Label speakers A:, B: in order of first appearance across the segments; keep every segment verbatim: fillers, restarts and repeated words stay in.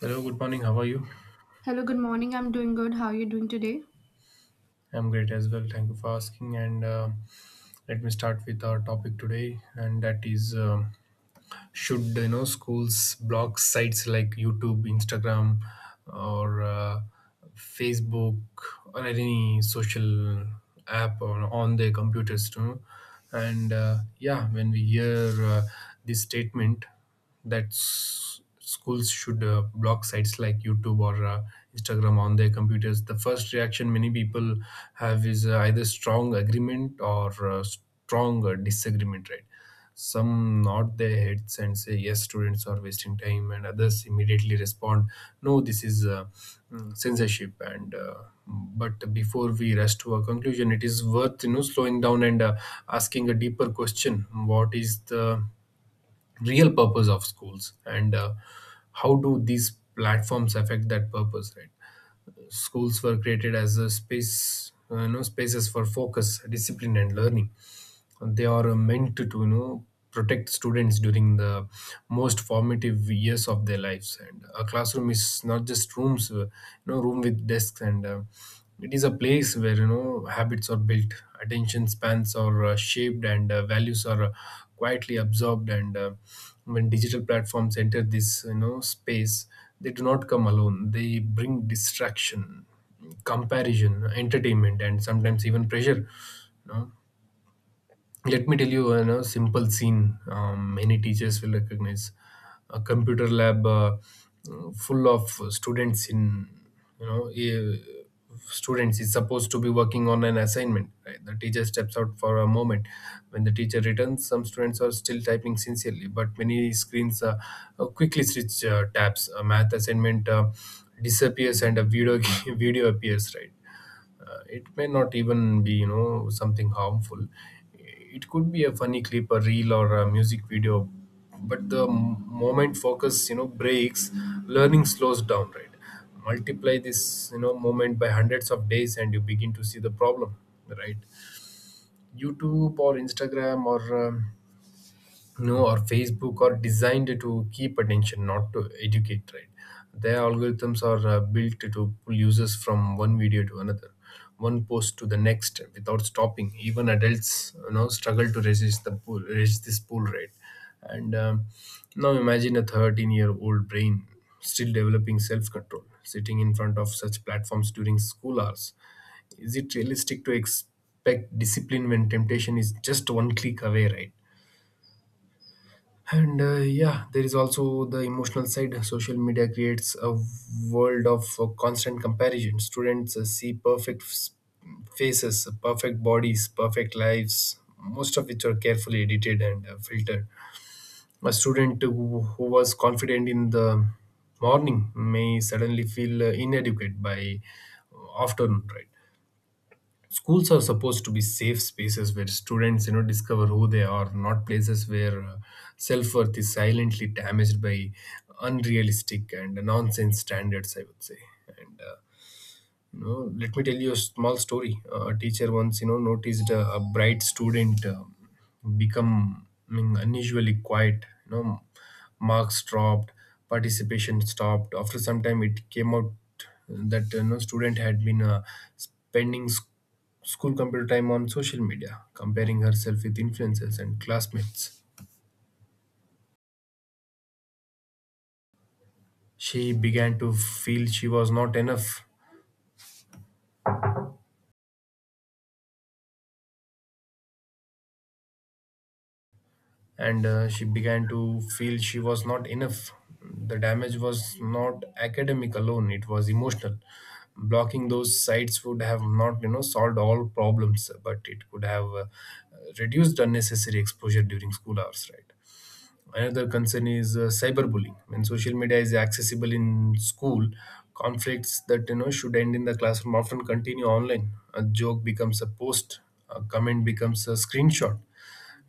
A: Hello, good morning. How are you?
B: Hello, good morning. I'm doing good. How are you doing today?
A: I'm great as well. Thank you for asking. And uh, let me start with our topic today, and that is um should you know schools block sites like YouTube, Instagram, or uh, Facebook, or any social app on, on their computers, you know? And uh, yeah, when we hear uh, this statement, that s- schools should uh, block sites like YouTube or uh, Instagram on their computers. The first reaction many people have is uh, either strong agreement or uh, strong uh, disagreement, right? Some nod their heads and say, Yes, students are wasting time, and others immediately respond, No, this is uh, mm, censorship. And uh, But before we rush to a conclusion, it is worth you know slowing down and uh, asking a deeper question: what is the real purpose of schools, and uh, how do these platforms affect that purpose, right? Schools were created as a space uh, you know spaces for focus, discipline, and learning. They are meant to, you know protect students during the most formative years of their lives, and a classroom is not just rooms uh, you know room with desks, and uh, it is a place where you know habits are built, attention spans are uh, shaped, and uh, values are uh, quietly absorbed. And uh, When digital platforms enter this you know space, they do not come alone. They bring distraction, comparison, entertainment, and sometimes even pressure you know Let me tell you a simple scene. Um, many teachers will recognize a computer lab uh, full of students in you know eh, students is supposed to be working on an assignment, right? The teacher steps out for a moment. When the teacher returns, some students are still typing sincerely, but many screens uh, uh, quickly switch uh, tabs. A math assignment uh, disappears and a video video appears, right. Uh, it may not even be, you know, something harmful. It could be a funny clip, a reel, or a music video. But the m- moment focus, you know, breaks, learning slows down, right? Multiply this, you know, moment by hundreds of days, and you begin to see the problem, right? YouTube or Instagram or um, no, or Facebook are designed to keep attention, not to educate, right. Their algorithms are uh, built to pull users from one video to another, one post to the next, without stopping. Even adults you know struggle to resist the pull resist this pull, right. And um, now imagine a thirteen-year-old brain still developing self control, sitting in front of such platforms during school hours. Is it realistic to expect discipline when temptation is just one click away, right? And uh, yeah, there is also the emotional side. Social media creates a world of uh, constant comparison. Students uh, see perfect s- faces, perfect bodies, perfect lives, most of which are carefully edited and uh, filtered. A student who, who was confident in the morning may suddenly feel uh, inadequate by uh, afternoon, right? Schools are supposed to be safe spaces where students you know discover who they are, not places where uh, self-worth is silently damaged by unrealistic and nonsense standards, I would say. And uh, you know, let me tell you a small story. Uh, a teacher once, you know, noticed a, a bright student um becoming unusually quiet. You know, marks dropped, participation stopped. After some time, it came out that you know student had been uh, spending s- school computer time on social media, comparing herself with influencers and classmates. She began to feel she was not enough, and uh, she began to feel she was not enough. The damage was not academic alone; it was emotional. Blocking those sites would have not, you know, solved all problems, but it could have uh, reduced unnecessary exposure during school hours, right? Another concern is uh, cyberbullying. When social media is accessible in school, conflicts that you know should end in the classroom often continue online. A joke becomes a post, a comment becomes a screenshot.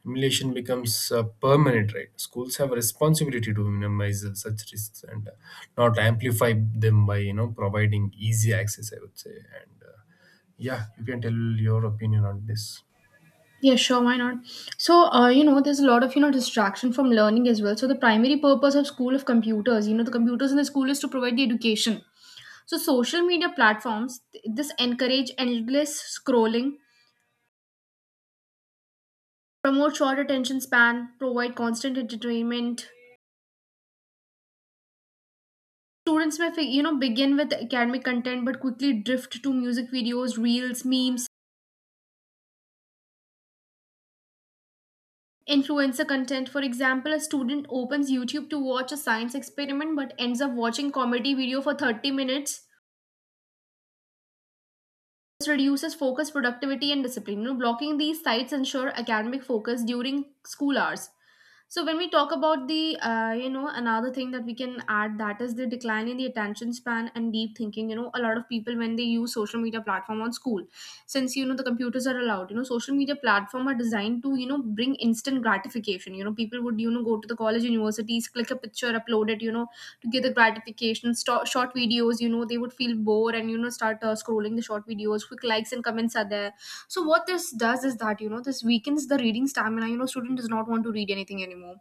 A: Humiliation becomes uh, permanent, right? Schools have a responsibility to minimize uh, such risks and uh, not amplify them by you know providing easy access, I would say. And uh, yeah, you can tell your opinion on this.
B: Yeah, sure, why not? So, uh, you know, there's a lot of, you know, distraction from learning as well. So, the primary purpose of school of computers, you know, the computers in the school is to provide the education. So, social media platforms, th- this encourage endless scrolling, promote short attention span, provide constant entertainment. Students may, fi- you know, begin with academic content but quickly drift to music videos, reels, memes, influencer content. For example, a student opens YouTube to watch a science experiment but ends up watching comedy video for thirty minutes. This reduces focus, productivity, and discipline. You know, blocking these sites ensure academic focus during school hours. So when we talk about the, uh, you know, another thing that we can add, that is the decline in the attention span and deep thinking. You know, a lot of people when they use social media platform on school, since you know the computers are allowed, you know, social media platform are designed to you know bring instant gratification. You know, people would you know go to the college universities, click a picture, upload it, you know, to get the gratification. Sto- short videos, you know, they would feel bored and you know start uh, scrolling the short videos. Quick likes and comments are there. So what this does is that you know this weakens the reading stamina. You know, student does not want to read anything anymore.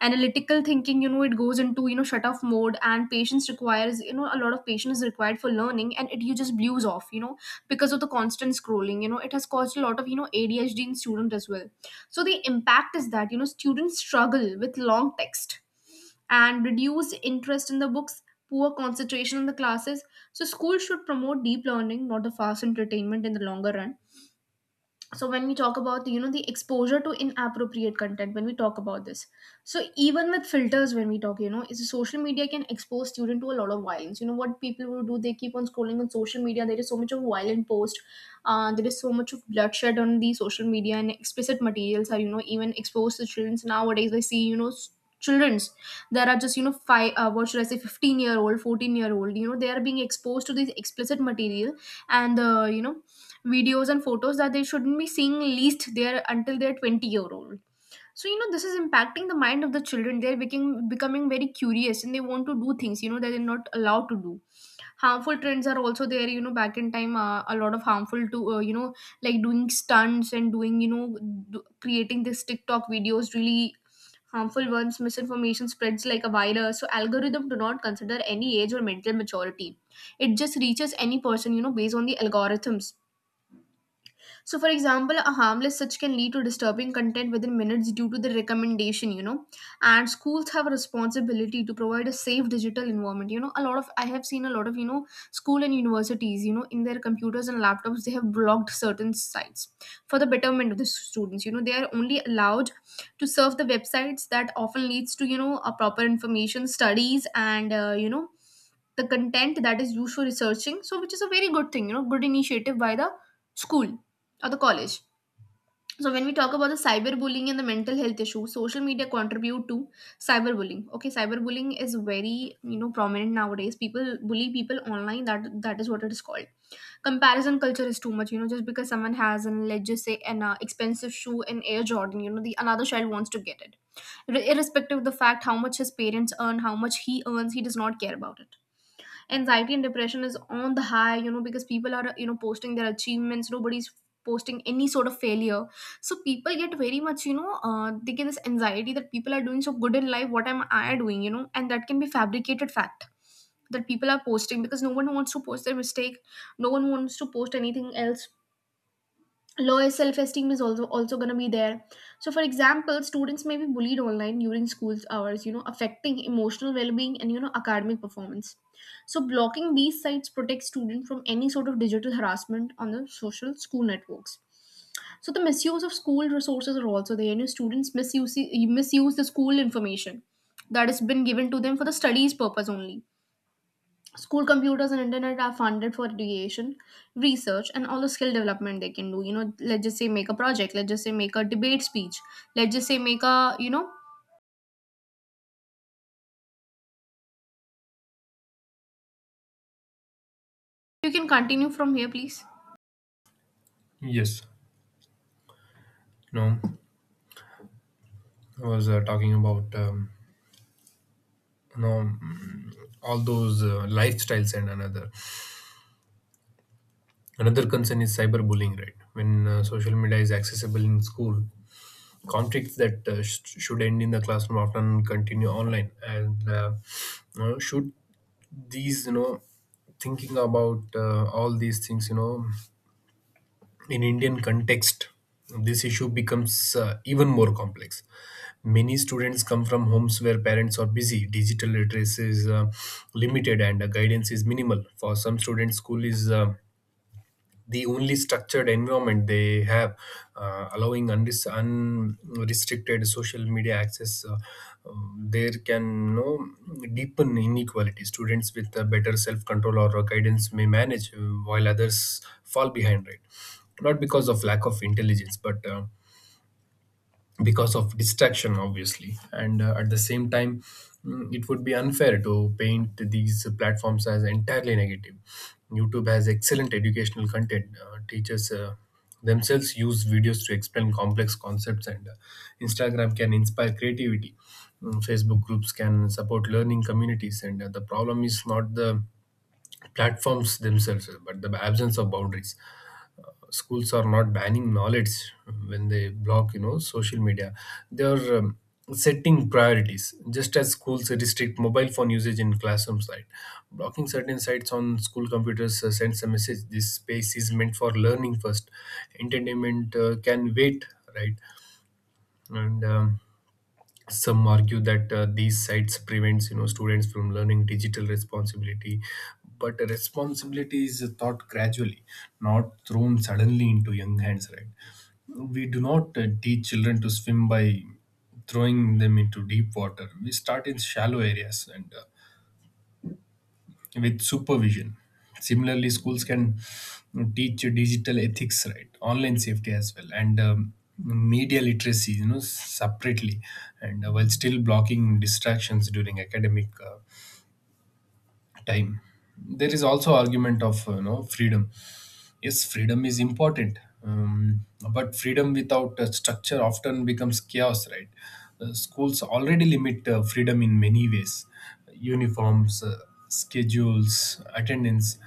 B: Analytical thinking, you know, it goes into you know shut off mode, and patience requires, you know, a lot of patience is required for learning, and it you just blues off, you know, because of the constant scrolling. You know, it has caused a lot of you know ADHD in student as well. So the impact is that you know students struggle with long text and reduced interest in the books, poor concentration in the classes. So, schools should promote deep learning, not the fast entertainment in the longer run. So when we talk about you know the exposure to inappropriate content, when we talk about this, so even with filters, when we talk, you know, is social media can expose student to a lot of violence. You know, what people will do, they keep on scrolling on social media. There is so much of violent post. Uh, there is so much of bloodshed on the social media, and explicit materials are you know even exposed to children nowadays. I see, you know, s- children's that are just you know five, uh, what should I say fifteen year old, fourteen year old. You know, they are being exposed to this explicit material, and uh, you know, videos and photos that they shouldn't be seeing least there until they're twenty year old. So you know this is impacting the mind of the children. They're becoming becoming very curious, and they want to do things, you know, that they're not allowed to do. Harmful trends are also there. You know, back in time, uh, a lot of harmful to uh, you know, like doing stunts, and doing you know do, creating this TikTok videos, really harmful ones. Misinformation spreads like a virus. So algorithm do not consider any age or mental maturity. It just reaches any person, you know, based on the algorithms. So, for example, a harmless search can lead to disturbing content within minutes due to the recommendation, you know. And schools have a responsibility to provide a safe digital environment. You know, a lot of, I have seen a lot of, you know, school and universities, you know, in their computers and laptops, they have blocked certain sites for the betterment of the students. You know, they are only allowed to serve the websites that often leads to, you know, a proper information, studies, and, uh, you know, the content that is used for researching, so which is a very good thing. You know, good initiative by the school or the college. So when we talk about the cyberbullying and the mental health issue, social media contribute to cyberbullying. Okay, cyberbullying is very you know prominent nowadays. People bully people online. That that is what it is called. Comparison culture is too much. You know, just because someone has an, let's just say, an uh, expensive shoe in Air Jordan, you know, the another child wants to get it. Ir- irrespective of the fact how much his parents earn, how much he earns, he does not care about it. Anxiety and depression is on the high. You know, because people are you know posting their achievements, nobody's posting any sort of failure. So people get very much, you know, uh, they get this anxiety that people are doing so good in life, what am I doing, you know, and that can be fabricated fact that people are posting, because no one wants to post their mistake, no one wants to post anything else. Lower self-esteem is also also going to be there. So for example, students may be bullied online during school hours, you know, affecting emotional well-being and you know academic performance. So blocking these sites protects students from any sort of digital harassment on the social school networks. So the misuse of school resources are also there. You know, students misuse misuse the school information that has been given to them for the studies purpose only. School computers and internet are funded for education, research, and all the skill development they can do. You know, let's just say make a project, let's just say make a debate speech, let's just say make a, you know, you can continue from here please.
A: Yes, no, I was uh, talking about um, you know mm, all those uh, lifestyles, and another another concern is cyberbullying, right? When uh, social media is accessible in school, conflicts that uh, sh- should end in the classroom often continue online. And uh, you know, should these you know thinking about uh, all these things, you know in Indian context, this issue becomes uh, even more complex. Many students come from homes where parents are busy, digital literacy is uh, limited, and uh, guidance is minimal. For some students, school is uh, the only structured environment they have, uh, allowing undis- unrestricted social media access. Uh, um, there can no deepen inequality. Students with a better self control or guidance may manage, uh, while others fall behind. Right, not because of lack of intelligence, but uh, because of distraction, obviously. And uh, at the same time, mm, it would be unfair to paint these platforms as entirely negative. YouTube has excellent educational content. Uh, teachers uh, themselves use videos to explain complex concepts, and uh, Instagram can inspire creativity. Mm, facebook groups can support learning communities. And uh, the problem is not the platforms themselves, but the absence of boundaries. Schools are not banning knowledge. When they block you know social media, they are um, setting priorities. Just as schools restrict mobile phone usage in classroom site, blocking certain sites on school computers uh, sends a message: this space is meant for learning first; entertainment uh, can wait, right. And um, some argue that uh, these sites prevents you know students from learning digital responsibility, but responsibility is taught gradually, not thrown suddenly into young hands, right. We do not uh, teach children to swim by throwing them into deep water. We start in shallow areas, and uh, with supervision. Similarly, schools can teach digital ethics, right, online safety as well, and um, media literacy, you know, separately, and uh, while still blocking distractions during academic uh, time. There is also argument of uh, you know freedom. Yes, freedom is important, um, but freedom without a structure often becomes chaos, right? Uh, schools already limit uh, freedom in many ways: uniforms, uh, schedules, attendance.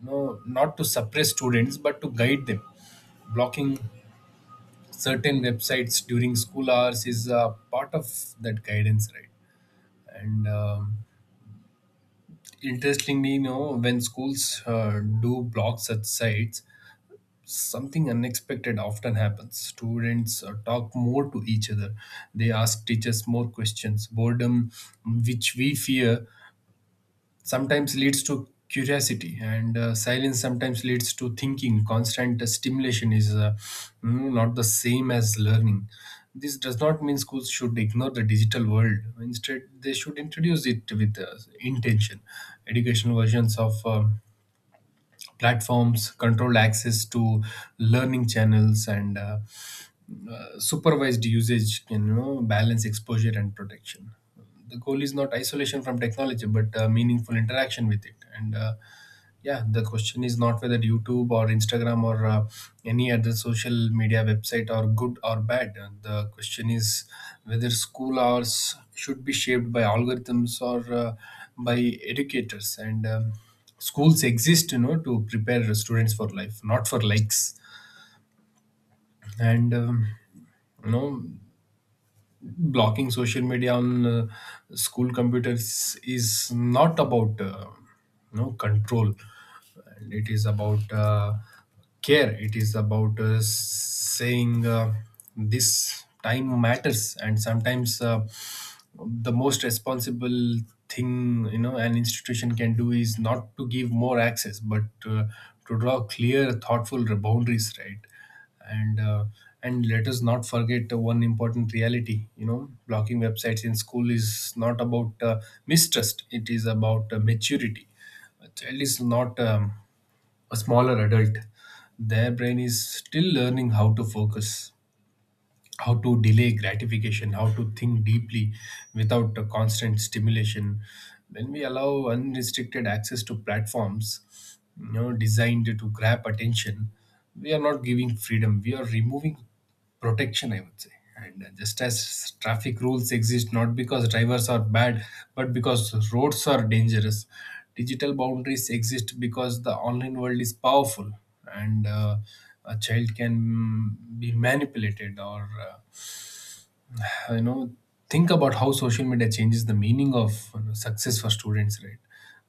A: No, not to suppress students, but to guide them. Blocking certain websites during school hours is uh, part of that guidance, right? and um, interestingly, you know when schools uh, do block such sites, something unexpected often happens. Students uh, talk more to each other. They ask teachers more questions. Boredom, mm, which we fear, sometimes leads to curiosity, and uh, silence sometimes leads to thinking. Constant stimulation is uh, mm, not the same as learning. This does not mean schools should ignore the digital world. Instead, they should introduce it with uh, intention: educational versions of um, platforms, control access to learning channels, and uh, uh, supervised usage can you know balance exposure and protection. The goal is not isolation from technology, but uh, meaningful interaction with it. And uh, yeah, the question is not whether YouTube or Instagram or uh, any other social media website are good or bad. Uh, the question is whether school hours should be shaped by algorithms or uh, by educators. And um, schools exist, you know to prepare students for life, not for likes. And um, you know blocking social media on uh, school computers is not about uh, no control. And it is about uh, care. It is about uh, saying, uh, this time matters. And sometimes uh, the most responsible thing, you know an institution can do is not to give more access, but uh, to draw clear, thoughtful boundaries, right. And uh, and let us not forget the one important reality: you know blocking websites in school is not about uh, mistrust, it is about uh, maturity. A child is not um, a smaller adult. Their brain is still learning how to focus, how to delay gratification, how to think deeply without a constant stimulation. When we allow unrestricted access to platforms, you know, designed to grab attention, we are not giving freedom. We are removing protection, I would say. And just as traffic rules exist not because drivers are bad, but because roads are dangerous, digital boundaries exist because the online world is powerful and uh, a child can be manipulated or uh, you know think about how social media changes the meaning of you know, success for students, right?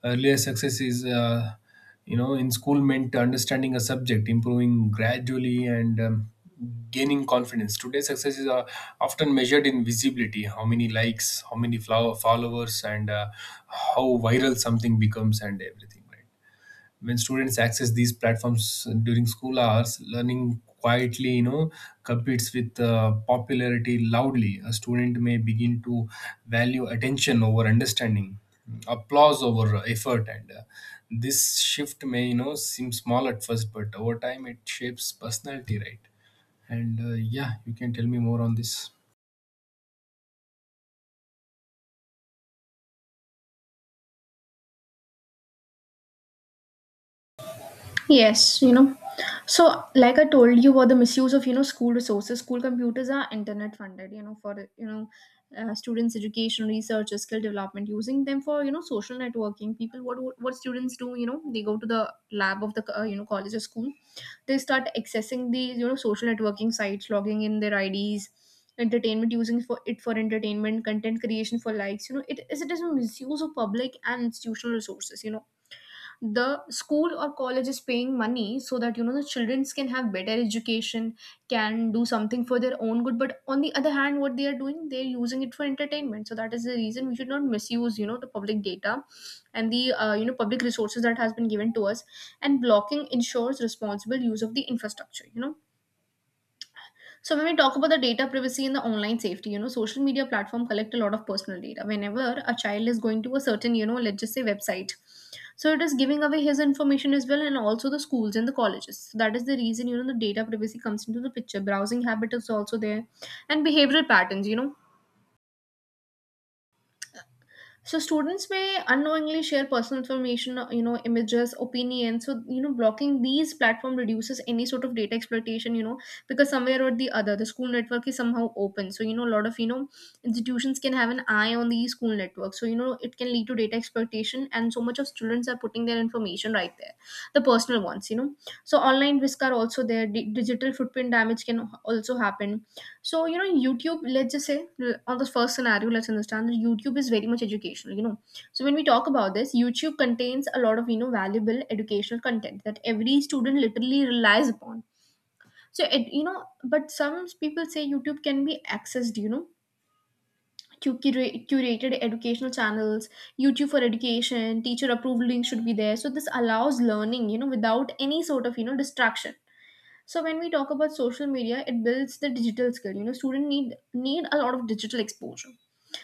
A: Earlier, success is uh, you know in school meant understanding a subject, improving gradually, and um, gaining confidence. Today, success is uh, often measured in visibility, how many likes, how many flow- followers and uh, how viral something becomes and everything, right? When students access these platforms during school hours, learning quietly you know competes with uh, popularity loudly. A student may begin to value attention over understanding, applause over effort and uh, this shift may you know seem small at first, but over time it shapes personality, right? and uh, yeah, you can tell me more on this.
B: Yes, you know. So, like I told you, about the misuse of you know school resources. School computers are internet funded. You know, for you know, uh, students' education, research, skill development. Using them for you know social networking. People, what what what students do? You know, they go to the lab of the uh, you know college or school. They start accessing the you know social networking sites, logging in their I Ds, entertainment, using for it for entertainment, content creation for likes. You know, it is it is a misuse of public and institutional resources. You know, the school or college is paying money so that you know the children can have better education, can do something for their own good, but on the other hand, what they are doing, they're using it for entertainment. So that is the reason we should not misuse, you know, the public data and the, uh, you know, public resources that has been given to us, and blocking ensures responsible use of the infrastructure, you know. So when we talk about the data privacy and the online safety, you know, social media platform collect a lot of personal data. Whenever a child is going to a certain, you know, let's just say, website, so it is giving away his information as well, and also the schools and the colleges. So that is the reason, you know, the data privacy comes into the picture. Browsing habit is also there, and behavioral patterns. You know, so students may unknowingly share personal information, uh, you know, images, opinions. So you know blocking these platform reduces any sort of data exploitation. You know, because somewhere or the other the school network is somehow open, so you know a lot of you know institutions can have an eye on the school network, so you know it can lead to data exploitation, and so much of students are putting their information right there, the personal ones, you know. So online risks are also there. Di- digital footprint damage can also happen. So, you know, in YouTube, let's just say, l- on the first scenario, let's understand that YouTube is very much educational, you know. So, when we talk about this, YouTube contains a lot of, you know, valuable educational content that every student literally relies upon. So, it, you know, but some people say YouTube can be accessed, you know, to curate, curated educational channels, YouTube for education, teacher approved links should be there. So, this allows learning, you know, without any sort of, you know, distraction. So when we talk about social media, it builds the digital skill. You know, students need need a lot of digital exposure.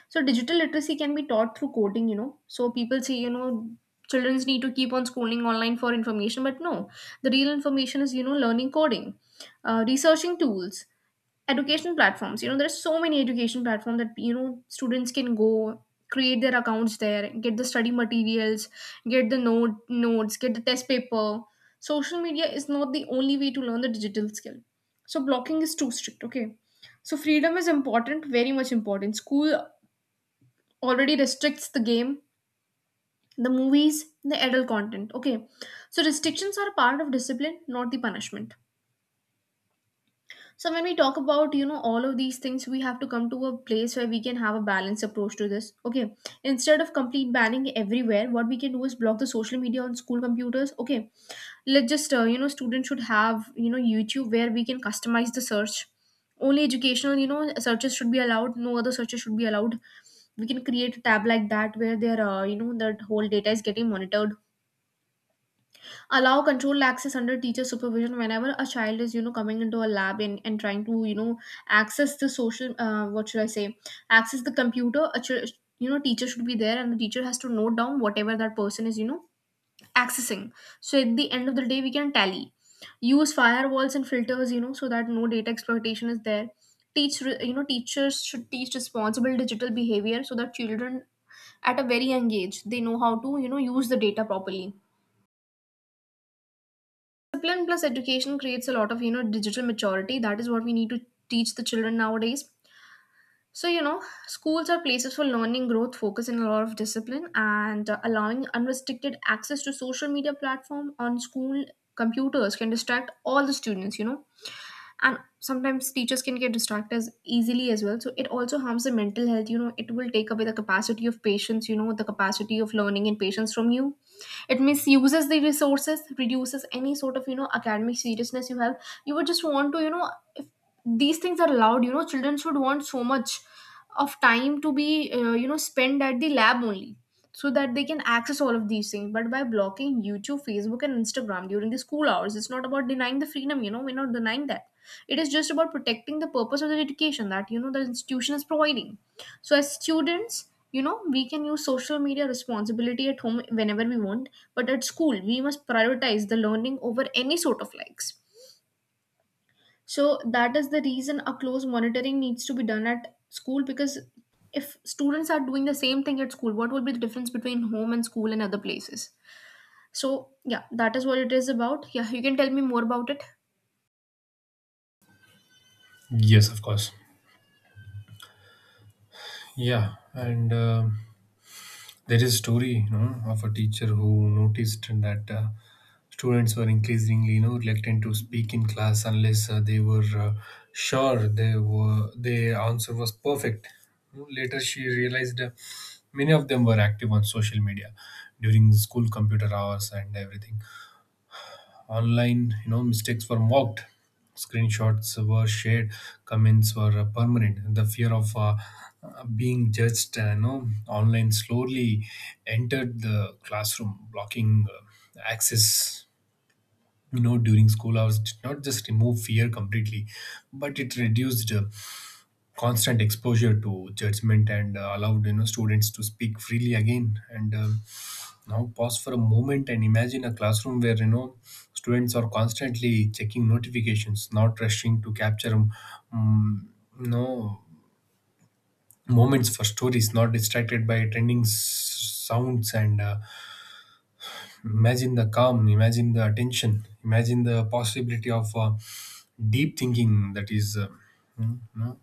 B: So digital literacy can be taught through coding. You know, so people say, you know children need to keep on scrolling online for information, but no, the real information is you know learning coding, uh, researching tools, education platforms. You know there's so many education platforms that you know students can go create their accounts there, get the study materials, get the note notes get the test paper. Social media is not the only way to learn the digital skill. So blocking is too strict, okay? So freedom is important, very much important. School already restricts the game, the movies, the adult content, okay? So restrictions are a part of discipline, not the punishment. So when we talk about you know all of these things, we have to come to a place where we can have a balanced approach to this, okay? Instead of complete banning everywhere, what we can do is block the social media on school computers, okay? Let's just uh, you know students should have, you know YouTube, where we can customize the search. Only educational, you know searches should be allowed, no other searches should be allowed. We can create a tab like that where their uh, you know that whole data is getting monitored. Allow controlled access under teacher supervision. Whenever a child is, you know coming into a lab and, and trying to, you know access the social, uh, what should I say, access the computer, a ch- you know teacher should be there, and the teacher has to note down whatever that person is, you know accessing. So at the end of the day, we can tally, use firewalls and filters, you know so that no data exploitation is there. Teach, re- you know teachers should teach responsible digital behavior, so that children at a very young age they know how to, you know use the data properly. Discipline plus education creates a lot of, you know, digital maturity. That is what we need to teach the children nowadays. So, you know, Schools are places for learning, growth, focus, and a lot of discipline. And uh, Allowing unrestricted access to social media platform on school computers can distract all the students, you know. And sometimes teachers can get distracted as easily as well. So it also harms the mental health. You know, it will take away the capacity of patience, you know, the capacity of learning and patience from you. It misuses the resources, reduces any sort of, you know, academic seriousness you have. You would just want to, you know, if these things are allowed, you know children should want so much of time to be uh, you know spent at the lab only, so that they can access all of these things. But by blocking YouTube, Facebook and Instagram during the school hours, it's not about denying the freedom, you know we're not denying that. It is just about protecting the purpose of the education that, you know the institution is providing. So as students, you know we can use social media responsibility at home whenever we want, but at school we must prioritize the learning over any sort of likes. So that is the reason a close monitoring needs to be done at school, because if students are doing the same thing at school, what will be the difference between home and school and other places? So yeah, that is what it is about. Yeah, you can tell me more about it.
A: Yes, of course. Yeah, and um There is a story, you know, of a teacher who noticed that uh, students were increasingly, you know, reluctant to speak in class unless uh, they were uh, sure they were their answer was perfect. Later, she realized uh, many of them were active on social media during school computer hours and everything. Online, you know, mistakes were mocked, screenshots were shared, comments were uh, permanent. The fear of uh, uh, being judged uh, you know online slowly entered the classroom. Blocking uh, access, you know, during school hours did not just remove fear completely, but it reduced uh, constant exposure to judgment and uh, allowed, you know, students to speak freely again. And um, Now pause for a moment and imagine a classroom where, you know, students are constantly checking notifications, not rushing to capture um, you know moments for stories, not distracted by trending s- sounds. And uh, Imagine the calm, imagine the attention, imagine the possibility of uh, deep thinking. That is. Uh, hmm, you know,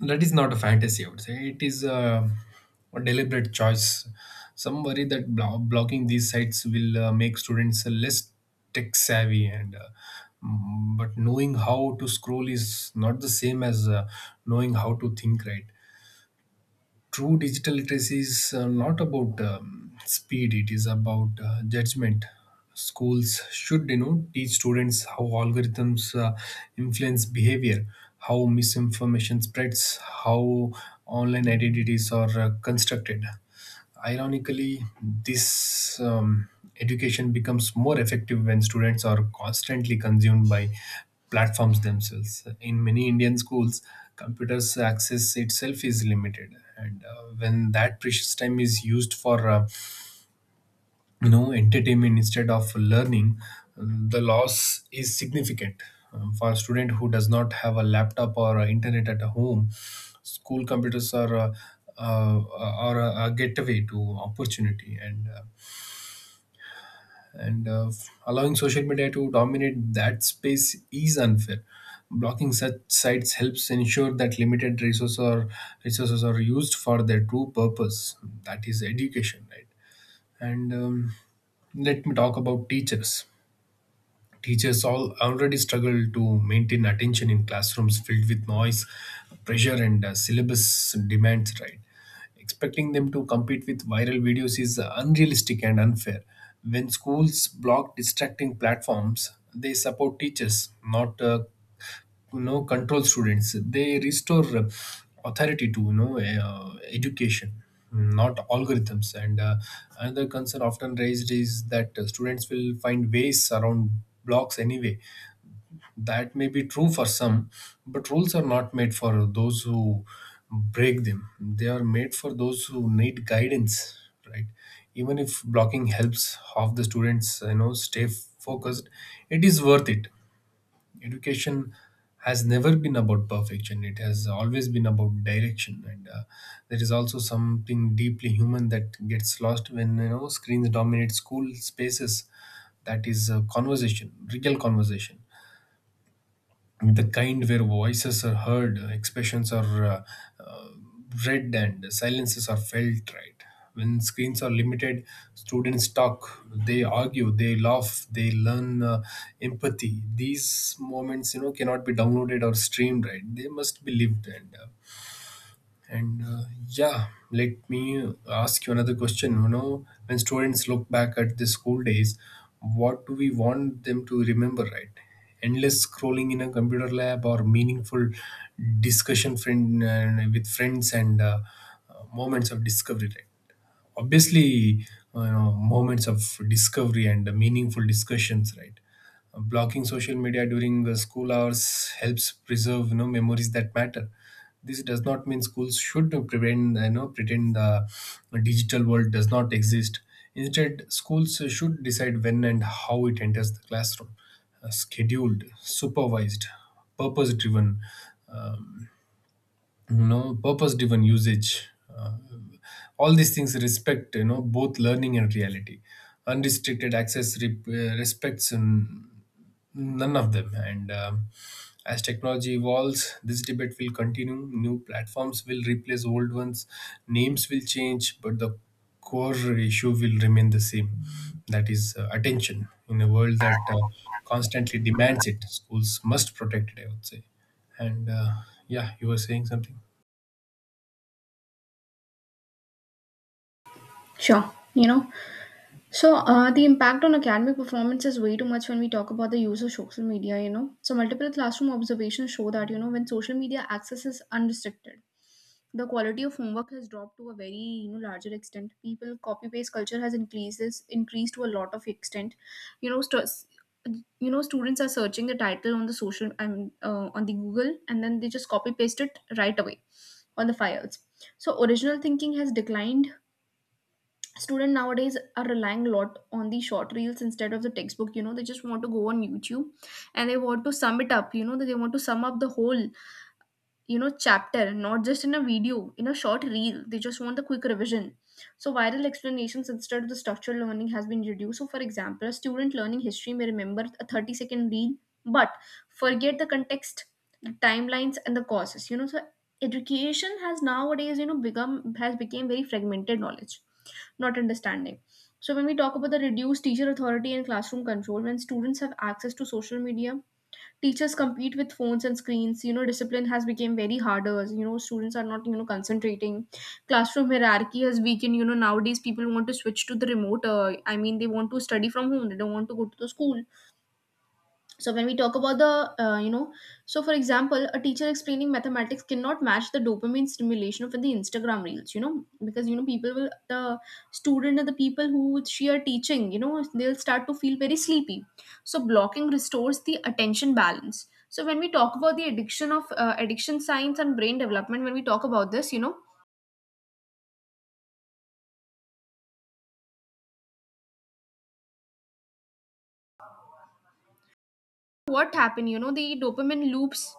A: that is not a fantasy, I would say. It is a, a deliberate choice. Some worry that blo- blocking these sites will uh, make students less tech savvy and uh, mm, but knowing how to scroll is not the same as uh, knowing how to think, right? True digital literacy is, uh, not about, um, speed. It is about, uh, judgment. Schools should, you know, teach students how algorithms uh, influence behavior, how misinformation spreads, how online identities are uh, constructed. Ironically, this um, education becomes more effective when students are constantly consumed by platforms themselves. In many Indian schools, computers access itself is limited, and uh, when that precious time is used for uh, you know entertainment instead of learning, um, the loss is significant. Um, for a student who does not have a laptop or a internet at home, school computers are uh, uh, are a, a gateway to opportunity and uh, and uh, allowing social media to dominate that space is unfair. Blocking such sites helps ensure that limited resources are resources are used for their true purpose, that is education, right? and um, Let me talk about teachers. Teachers all already struggle to maintain attention in classrooms filled with noise, pressure, and uh, syllabus demands. Right, expecting them to compete with viral videos is uh, unrealistic and unfair. When schools block distracting platforms, they support teachers, not uh, you know control students. They restore uh, authority to, you know, uh, education, not algorithms. And uh, Another concern often raised is that uh, students will find ways around blocks anyway. That may be true for some, but rules are not made for those who break them. They are made for those who need guidance, right? Even if blocking helps half the students, you know, stay focused, it is worth it. Education has never been about perfection. It has always been about direction, and uh, there is also something deeply human that gets lost when, you know, screens dominate school spaces. That is a conversation, real conversation, the kind where voices are heard, expressions are uh, uh, read, and silences are felt, right? When screens are limited, students talk, they argue, they laugh, they learn uh, empathy. These moments, you know, cannot be downloaded or streamed, right? They must be lived. And uh, and uh, yeah, let me ask you another question. You know, when students look back at the school days, what do we want them to remember, right? Endless scrolling in a computer lab or meaningful discussion friend uh, with friends and uh, uh, moments of discovery, right? Obviously, uh, you know, moments of discovery and meaningful discussions, right? Uh, blocking social media during the school hours helps preserve, you know, memories that matter. This does not mean schools should prevent, you know, pretend the uh, digital world does not exist. Instead, schools should decide when and how it enters the classroom. Uh, scheduled, supervised, purpose driven, you know, purpose driven usage, uh, all these things respect, you know, both learning and reality. Unrestricted access re- uh, respects, mm, none of them. And um, As technology evolves, this debate will continue. New platforms will replace old ones, names will change, but the core issue will remain the same. That is, uh, attention. In a world that uh, constantly demands it, schools must protect it, I would say. And uh, Yeah, you were saying something.
B: Sure. You know, so uh, the impact on academic performance is way too much when we talk about the use of social media. You know, so multiple classroom observations show that, you know when social media access is unrestricted, the quality of homework has dropped to a very, you know larger extent. People copy paste culture has increases increased to a lot of extent. you know stu- you know students are searching the title on the social I mean uh, on the Google, and then they just copy paste it right away on the files. So original thinking has declined. Student nowadays are relying a lot on the short reels instead of the textbook. You know, they just want to go on YouTube, and they want to sum it up, you know, that they want to sum up the whole, you know chapter, not just in a video, in a short reel. They just want the quick revision. So viral explanations instead of the structured learning has been reduced. So for example, a student learning history may remember a thirty second reel, but forget the context, the timelines and the causes, you know. So education has nowadays, you know become has become very fragmented knowledge, not understanding. So when we talk about the reduced teacher authority and classroom control, when students have access to social media, teachers compete with phones and screens, you know, discipline has become very harder. You know, students are not, you know concentrating. Classroom hierarchy has weakened. You know, nowadays people want to switch to the remote, uh, i mean they want to study from home, they don't want to go to the school. So when we talk about the, uh, you know so for example, a teacher explaining mathematics cannot match the dopamine stimulation of the Instagram reels. You know, because you know, people will the student and the people who she are teaching, you know, they'll start to feel very sleepy. So blocking restores the attention balance. So when we talk about the addiction of, uh, addiction science and brain development, when we talk about this, you know, what happened, you know, the dopamine loops.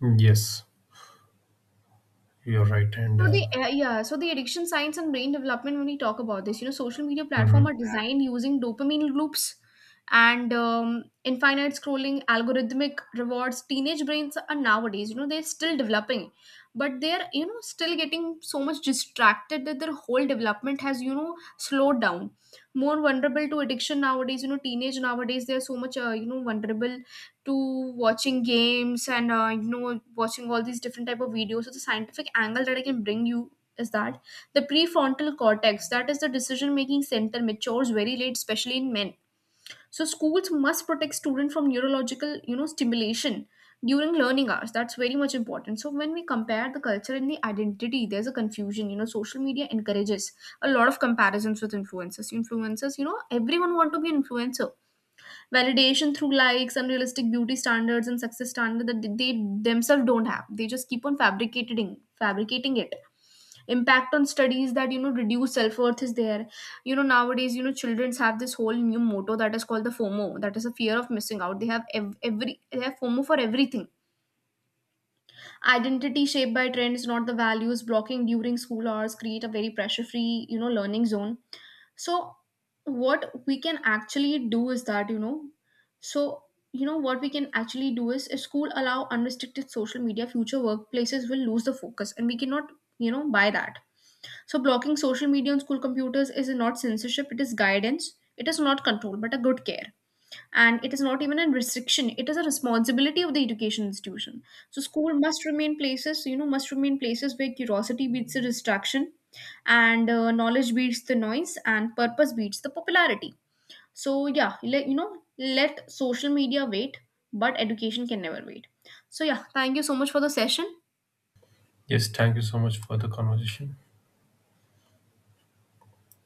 A: Yes, you're right. And
B: So
A: uh,
B: the uh, yeah, so the addiction science and brain development. When we talk about this, you know, social media platform
A: Mhm.
B: are, yeah, designed using dopamine loops and um, infinite scrolling, algorithmic rewards. Teenage brains are nowadays, you know, they're still developing, but they're, you know, still getting so much distracted that their whole development has, you know, slowed down. More vulnerable to addiction nowadays. You know, teenage nowadays they are so much, uh, you know vulnerable to watching games and uh, you know watching all these different type of videos. So the scientific angle that I can bring you is that the prefrontal cortex, that is the decision making center, matures very late, especially in men. So schools must protect students from neurological, you know, stimulation during learning hours. That's very much important. So when we compare the culture and the identity, there's a confusion. You know, social media encourages a lot of comparisons with influencers influencers You know, everyone want to be an influencer. Validation through likes, unrealistic beauty standards, and success standards that they themselves don't have. They just keep on fabricating, fabricating it. Impact on studies, that you know, reduce self worth is there. You know, nowadays, you know, childrens have this whole new motto that is called the FOMO. That is a fear of missing out. They have ev- every they have FOMO for everything. Identity shaped by trends, not the values. Blocking during school hours create a very pressure free, you know, learning zone. So what we can actually do is that, you know so you know what we can actually do is if school allow unrestricted social media, future workplaces will lose the focus, and we cannot, you know, buy that. So blocking social media on school computers is not censorship, it is guidance. It is not control but a good care. And it is not even a restriction, it is a responsibility of the education institution. So school must remain places, you know must remain places where curiosity beats the distraction, and uh, knowledge beats the noise, and purpose beats the popularity. So yeah, let you know let social media wait, but education can never wait. So yeah, thank you so much for the session.
A: Yes, thank you so much for the conversation.